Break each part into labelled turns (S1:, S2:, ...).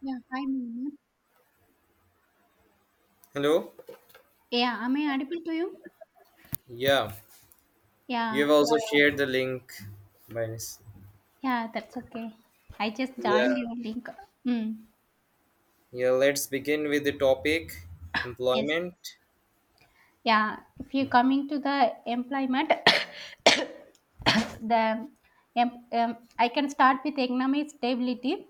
S1: Yeah, hi, Meena.
S2: Hello?
S1: Yeah, am I audible to you?
S2: Yeah, you have
S1: Yeah,
S2: also shared the link. Minus.
S1: yeah, that's okay. I just joined
S2: Yeah,
S1: your link. Mm,
S2: yeah, let's begin with the topic
S1: yes.
S2: employment.
S1: Yeah, if you're coming to the employment, the I can start with economic stability.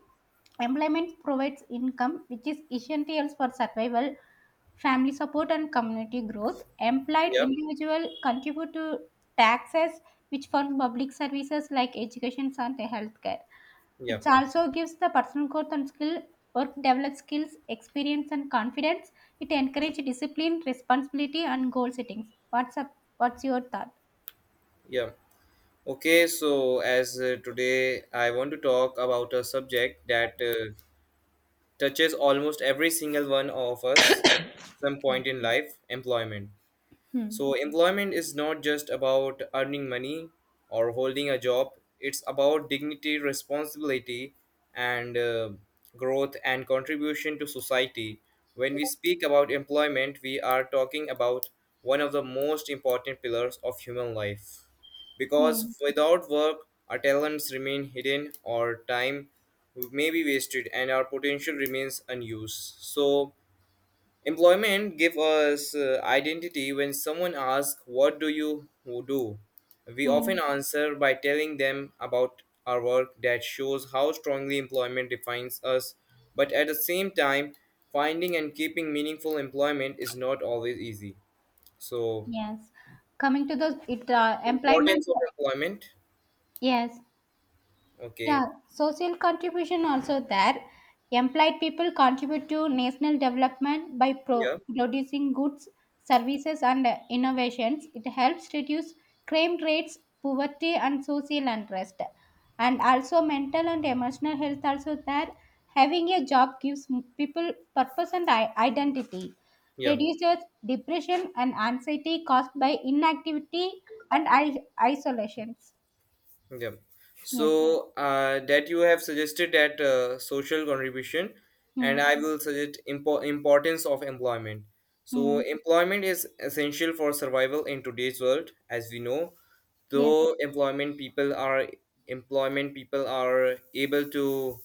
S1: Employment provides income, which is essential for survival, family support, and community growth. Employed
S2: Yep,
S1: individual contribute to taxes, which fund public services like education and healthcare. It
S2: yep,
S1: also gives the personal growth and skill, work develops skills, experience, and confidence. It encourages discipline, responsibility, and goal settings. What's up? What's your thought?
S2: yep. Okay, so as today I want to talk about a subject that touches almost every single one of us some
S1: Yeah.
S2: point in life employment.
S1: Hmm.
S2: So, employment is not just about earning money or holding a job, it's about dignity, responsibility, and growth and contribution to society. When we speak about employment, we are talking about one of the most important pillars of human life.
S1: Hmm.
S2: Because without work, our talents remain hidden, or time may be wasted, and our potential remains unused. So, employment give us identity when someone asks, what do you do? We
S1: Hmm.
S2: often answer by telling them about our work that shows how strongly employment defines us. But at the same time, finding and keeping meaningful employment is not always easy. So,
S1: Yes. Coming to the it
S2: importance
S1: employment.
S2: of employment.
S1: Yes.
S2: Okay.
S1: Yeah, social contribution also there. Employed people contribute to national development by
S2: Yeah.
S1: producing goods, services, and innovations. It helps reduce crime rates, poverty, and social unrest. And also, mental and emotional health also there. Having a job gives people purpose and identity,
S2: Yeah.
S1: reduces depression and anxiety caused by inactivity and isolations.
S2: Yeah.
S1: Yes.
S2: So that you have suggested that social contribution,
S1: Hmm.
S2: and I will suggest importance of employment. So
S1: Hmm.
S2: employment is essential for survival in today's world, as we know.
S1: Yes.
S2: Though employment people are able to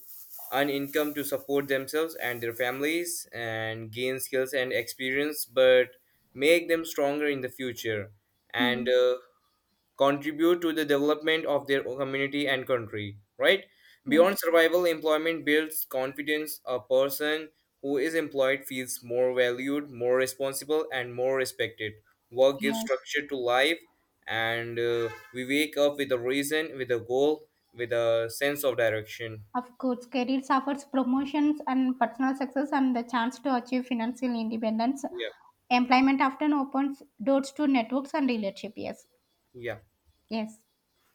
S2: earn income to support themselves and their families and gain skills and experience, but make them stronger in the future. And
S1: Hmm.
S2: uh, contribute to the development of their community and country, right?
S1: Yes.
S2: Beyond survival, employment builds confidence. A person who is employed feels more valued, more responsible, and more respected. Work gives
S1: Yes.
S2: structure to life, and we wake up with a reason, with a goal, with a sense of direction.
S1: Of course, careers offers promotions and personal success and the chance to achieve financial independence.
S2: Yeah,
S1: Employment often opens doors to networks and relationship. Yes.
S2: yeah.
S1: Yes.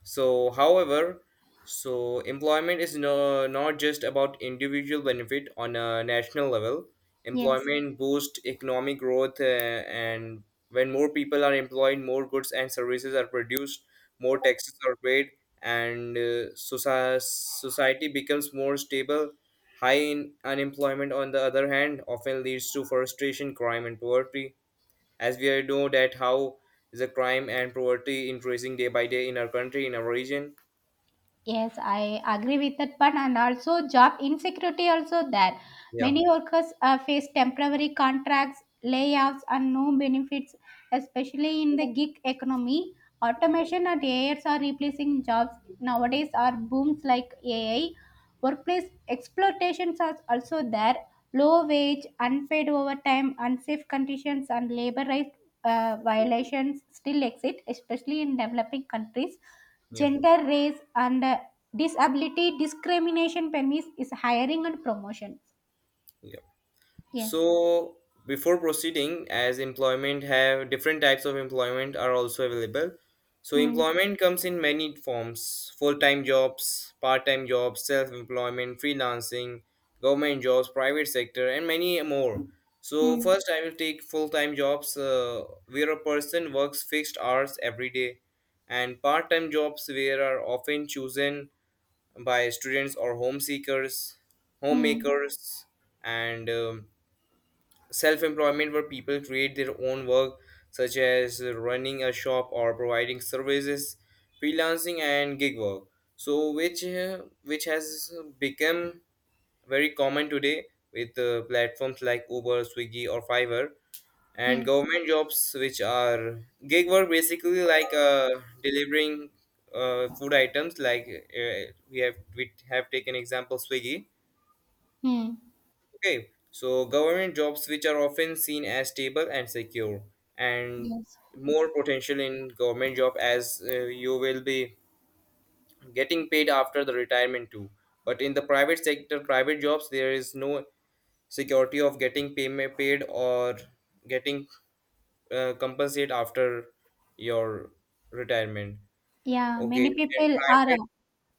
S2: So, however, so employment is no, not just about individual benefit on a national level.
S1: Yes.
S2: Employment boosts economic growth, and when more people are employed, more goods and services are produced, more taxes are paid, and society becomes more stable. High in unemployment, on the other hand, often leads to frustration, crime, and poverty, as we already know that how is the crime and poverty increasing day by day in our country, in our region.
S1: Yes, I agree with that one. And also job insecurity also there.
S2: Yeah,
S1: Many workers face temporary contracts, layoffs and no benefits, especially in the gig economy. Automation and AIs are replacing jobs nowadays are booms like AI. Workplace exploitations are also there. Low wage, unpaid overtime, unsafe conditions, and labor rights
S2: yeah,
S1: violations still exist, especially in developing countries.
S2: yeah,
S1: Gender, race, and disability discrimination permits is hiring and promotions.
S2: yeah.
S1: Yes.
S2: So before proceeding, as employment have different types of employment are also available. So
S1: Hmm.
S2: employment comes in many forms: full-time jobs, part-time jobs, self-employment, freelancing, government jobs, private sector, and many more. So
S1: Hmm.
S2: first, I will take full-time jobs, where a person works fixed hours every day, and part-time jobs where are often chosen by students or
S1: Hmm.
S2: homemakers, and self employment where people create their own work, such as running a shop or providing services. Freelancing and gig work, so which has become very common today with platforms like Uber, Swiggy or Fiverr, and
S1: Yes.
S2: government jobs which are gig work basically like delivering food items, like we have taken example Swiggy.
S1: Hmm.
S2: Okay, so government jobs, which are often seen as stable and secure, and
S1: Yes.
S2: more potential in government job, as you will be getting paid after the retirement too. But in the private sector, private jobs, there is no security of getting payment paid or getting compensate after your retirement.
S1: Yeah,
S2: Okay,
S1: many
S2: and
S1: people are
S2: private,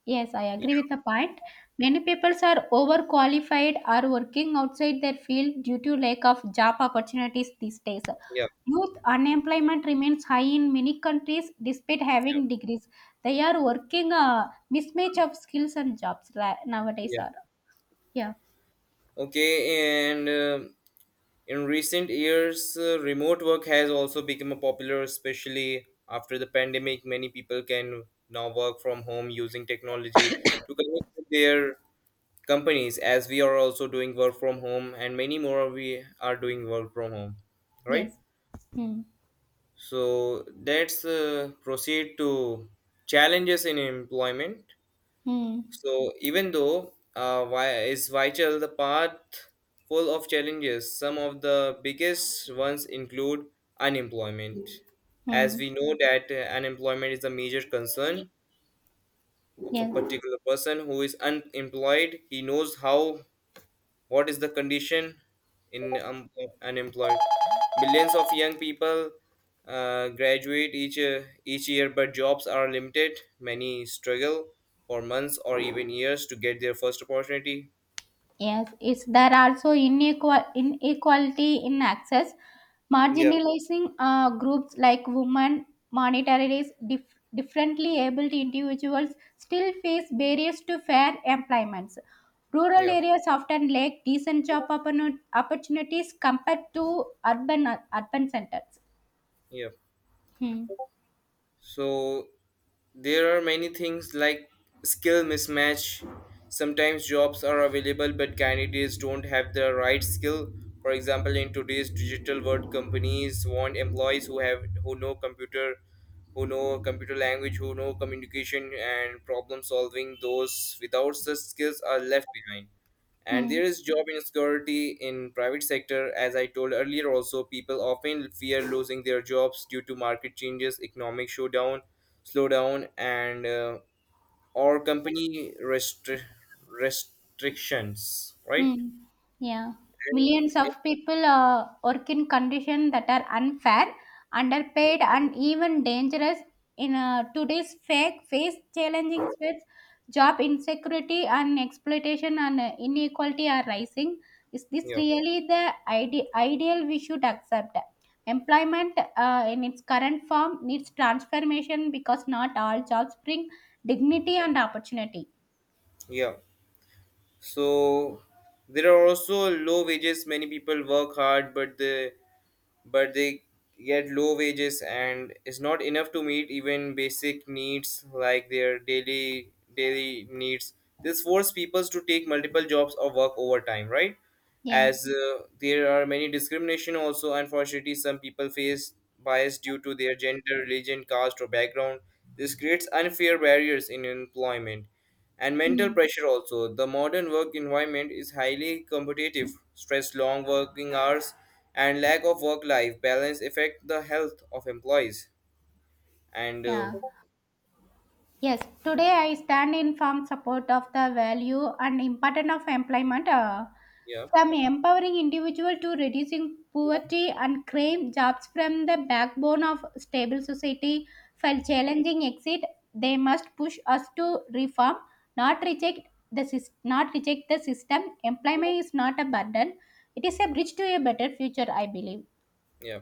S1: yes, I
S2: yeah,
S1: agree with the point. Many people are overqualified are working outside their field due to lack of job opportunities these days.
S2: yeah,
S1: Youth unemployment remains high in many countries despite
S2: yeah,
S1: having degrees. They are working a mismatch of skills and jobs nowadays
S2: yeah.
S1: are. Yeah.
S2: Okay, and. In recent years, remote work has also become a popular, especially after the pandemic. Many people can now work from home using technology to connect with their companies, as we are also doing work from home, and many more we are doing work from home, right?
S1: Yes. Hmm.
S2: So let's proceed to challenges in employment.
S1: Hmm.
S2: So even though why is Vichel the path full of challenges, some of the biggest ones include unemployment. As
S1: Hmm.
S2: we know that unemployment is a major concern of a
S1: Yes.
S2: particular person who is unemployed, he knows how what is the condition in unemployed? Millions of young people graduate each year, but jobs are limited. Many struggle for months or even years to get their first opportunity.
S1: Yes, it's there also inequality in access,
S2: Yeah,
S1: marginalizing groups like women, minorities, differently abled individuals still face barriers to fair employments. Rural
S2: yeah,
S1: areas often lack decent opportunities compared to urban centers.
S2: yeah.
S1: Hmm.
S2: So there are many things like skill mismatch. Sometimes jobs are available, but candidates don't have the right skill. For example, in today's digital world, companies want employees who know computer language, who know communication and problem solving. Those without such skills are left behind. And
S1: Hmm.
S2: there is job insecurity in private sector. As I told earlier, also people often fear losing their jobs due to market changes, economic showdown slow down and or company restrictions, right?
S1: Hmm. Yeah.
S2: And
S1: Millions
S2: it,
S1: of people work in conditions that are unfair, underpaid, and even dangerous. In today's fake face challenging with job insecurity and exploitation and inequality are rising. Is this
S2: yeah,
S1: really the ideal we should accept? Employment in its current form needs transformation because not all jobs bring dignity and opportunity.
S2: yeah. So there are also low wages. Many people work hard, but they get low wages and it's not enough to meet even basic needs like their daily needs. This forces people to take multiple jobs or work overtime, right?
S1: Yes.
S2: As there are many discrimination also, unfortunately some people face bias due to their gender, religion, caste or background. This creates unfair barriers in employment. And mental
S1: Hmm.
S2: pressure also. The modern work environment is highly competitive. Stress, long working hours, and lack of work life balance affect the health of employees. And
S1: Yeah. Yes, today I stand in firm support of the value and importance of employment,
S2: yeah,
S1: from empowering individual to reducing poverty and crime. Jobs from the backbone of stable society. For challenging exit, they must push us to reform, not reject not reject the system. Employment is not a burden; it is a bridge to a better future, I believe.
S2: yeah.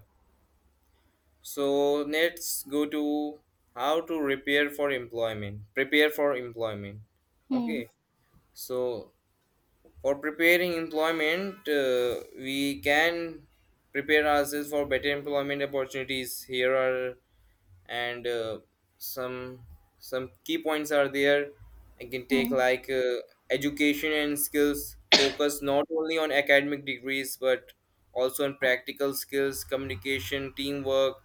S2: So let's go to how to prepare for employment. Prepare for employment.
S1: Hmm.
S2: Okay. So for preparing employment, we can prepare ourselves for better employment opportunities. Here are and some some key points are there. I can take
S1: Hmm.
S2: like education and skills. Focus not only on academic degrees but also on practical skills, communication, teamwork,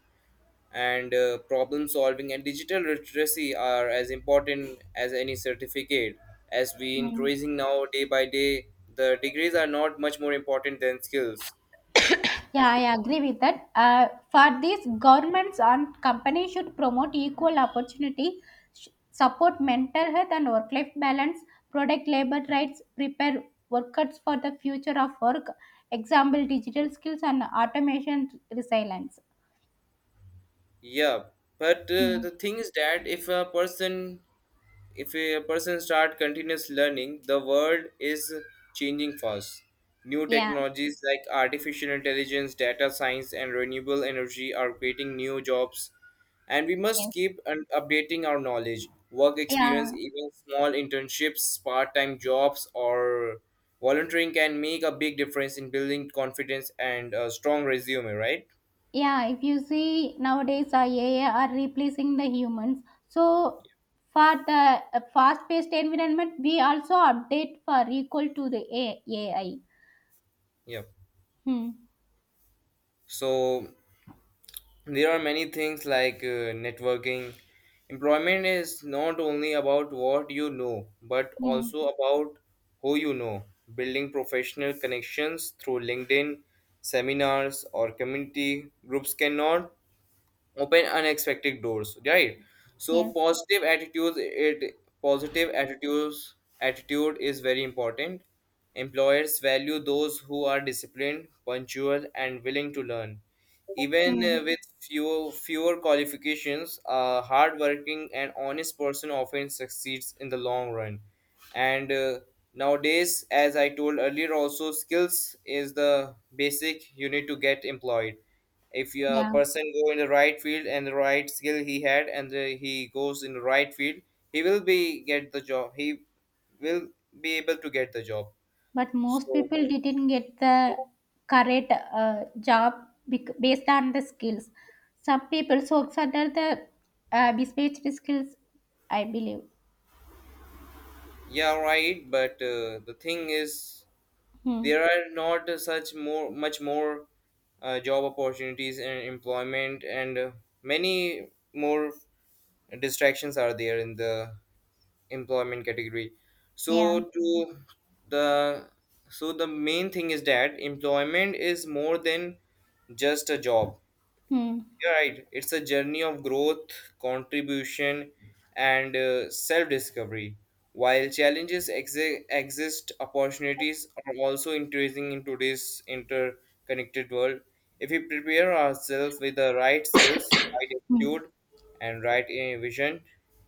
S2: and problem solving and digital literacy are as important as any certificate, as we
S1: Hmm.
S2: increasing now day by day. The degrees are not much more important than skills. And
S1: Yeah, I agree with that. For this, governments and companies should promote equal opportunity, support mental health and work life balance, protect labor rights, prepare workers for the future of work, example digital skills and automation resilience.
S2: yeah, but
S1: Mm.
S2: the thing is that if a person start continuous learning, the world is changing fast. New
S1: Yeah,
S2: technologies like artificial intelligence, data science and renewable energy are creating new jobs, and we must
S1: yes.
S2: keep updating our knowledge. Work experience,
S1: Yeah,
S2: even small internships, part-time jobs or volunteering can make a big difference in building confidence and a strong resume, right?
S1: yeah. If you see nowadays, AI are replacing the humans. So for the fast-paced environment, we also update for equal to the AI.
S2: Yeah,
S1: Hmm.
S2: so there are many things like networking. Employment is not only about what you know but
S1: Mm,
S2: also about who you know. Building professional connections through LinkedIn, seminars or community groups cannot open unexpected doors, right? So
S1: yes.
S2: positive attitudes attitude is very important. Employers value those who are disciplined, punctual and willing to learn, even
S1: Hmm.
S2: fewer qualifications. A hardworking and honest person often succeeds in the long run. And nowadays, as I told earlier also, skills is the basic you need to get employed. If a
S1: Yeah.
S2: person go in the right field and the right skill he had, and he goes in the right field, he will be get the job he will be able to get the job.
S1: But most
S2: So
S1: people didn't get the correct job based on the skills. Some people sought under the bespeech skills, I believe.
S2: yeah, right. But the thing is
S1: Hmm.
S2: there are not such more much more job opportunities and employment, and many more distractions are there in the employment category.
S1: Yeah.
S2: So to The so the main thing is that employment is more than just a job.
S1: Hmm.
S2: You're right. It's a journey of growth, contribution, and self discovery. While challenges exist, opportunities are also increasing in today's interconnected world. If we prepare ourselves with the right skills, right
S1: Hmm.
S2: attitude, and right vision,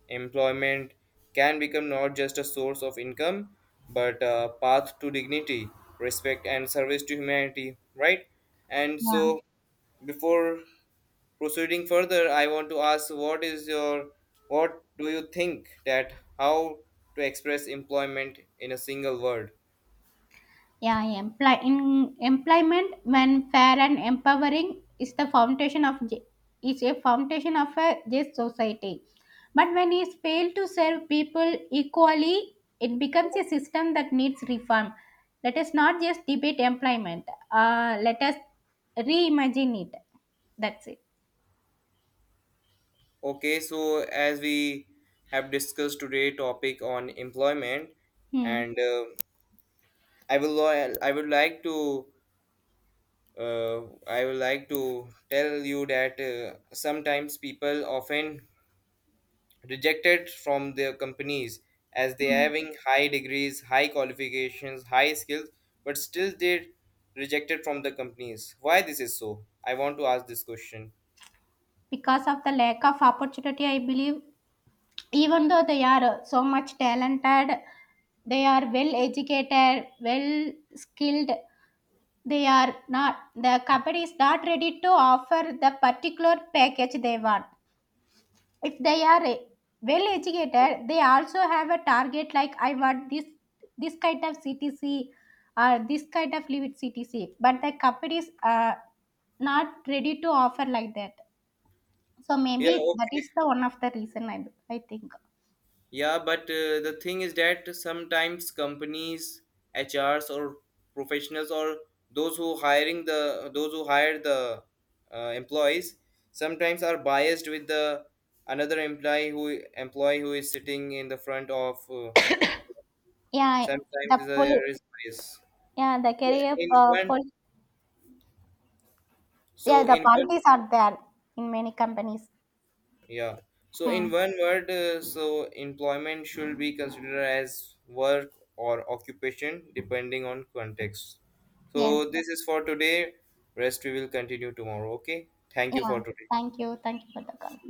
S2: employment can become not just a source of income, but a path to dignity, respect, and service to humanity, right? And
S1: Yeah.
S2: so, before proceeding further, I want to ask what is your what do you think that how to express employment in a single word?
S1: In employment when fair and empowering is the foundation of ju- is a foundation of a just society. But when it fails to serve people equally, it becomes a system that needs reform. Let us not just debate employment. Let us reimagine it. That's it.
S2: Okay, so as we have discussed today topic on employment,
S1: Hmm.
S2: and I will I would like to uh, I would like to tell you that sometimes people often rejected from their companies as they
S1: Hmm.
S2: having high degrees, high qualifications, high skills, but still they rejected from the companies. Why this is so? I want to ask this question.
S1: Because of the lack of opportunity, I believe even though they are so much talented, they are well educated, well skilled. The company is not ready to offer the particular package they want. If they are well educated, they also have a target like I want this, this kind of CTC or this kind of leave it CTC, but the companies are not ready to offer like that. So
S2: Yeah,
S1: maybe that
S2: okay.
S1: is the one of the reason, I think.
S2: Yeah, but the thing is that sometimes companies, HRs or professionals or those who hire the employees sometimes are biased with the another employee who is sitting in the front of
S1: Yeah,
S2: sometimes
S1: the poli
S2: there is bias.
S1: yeah, the
S2: So
S1: career
S2: in one,
S1: pol
S2: so
S1: yeah, the
S2: in one,
S1: policies are there in many companies.
S2: yeah. So
S1: Hmm.
S2: in one word, so employment should be considered as work or occupation depending on context.
S1: Yes.
S2: So this is for today. Rest we will continue tomorrow. Okay. Thank you
S1: Yeah.
S2: for today.
S1: Thank you. Thank you for the call.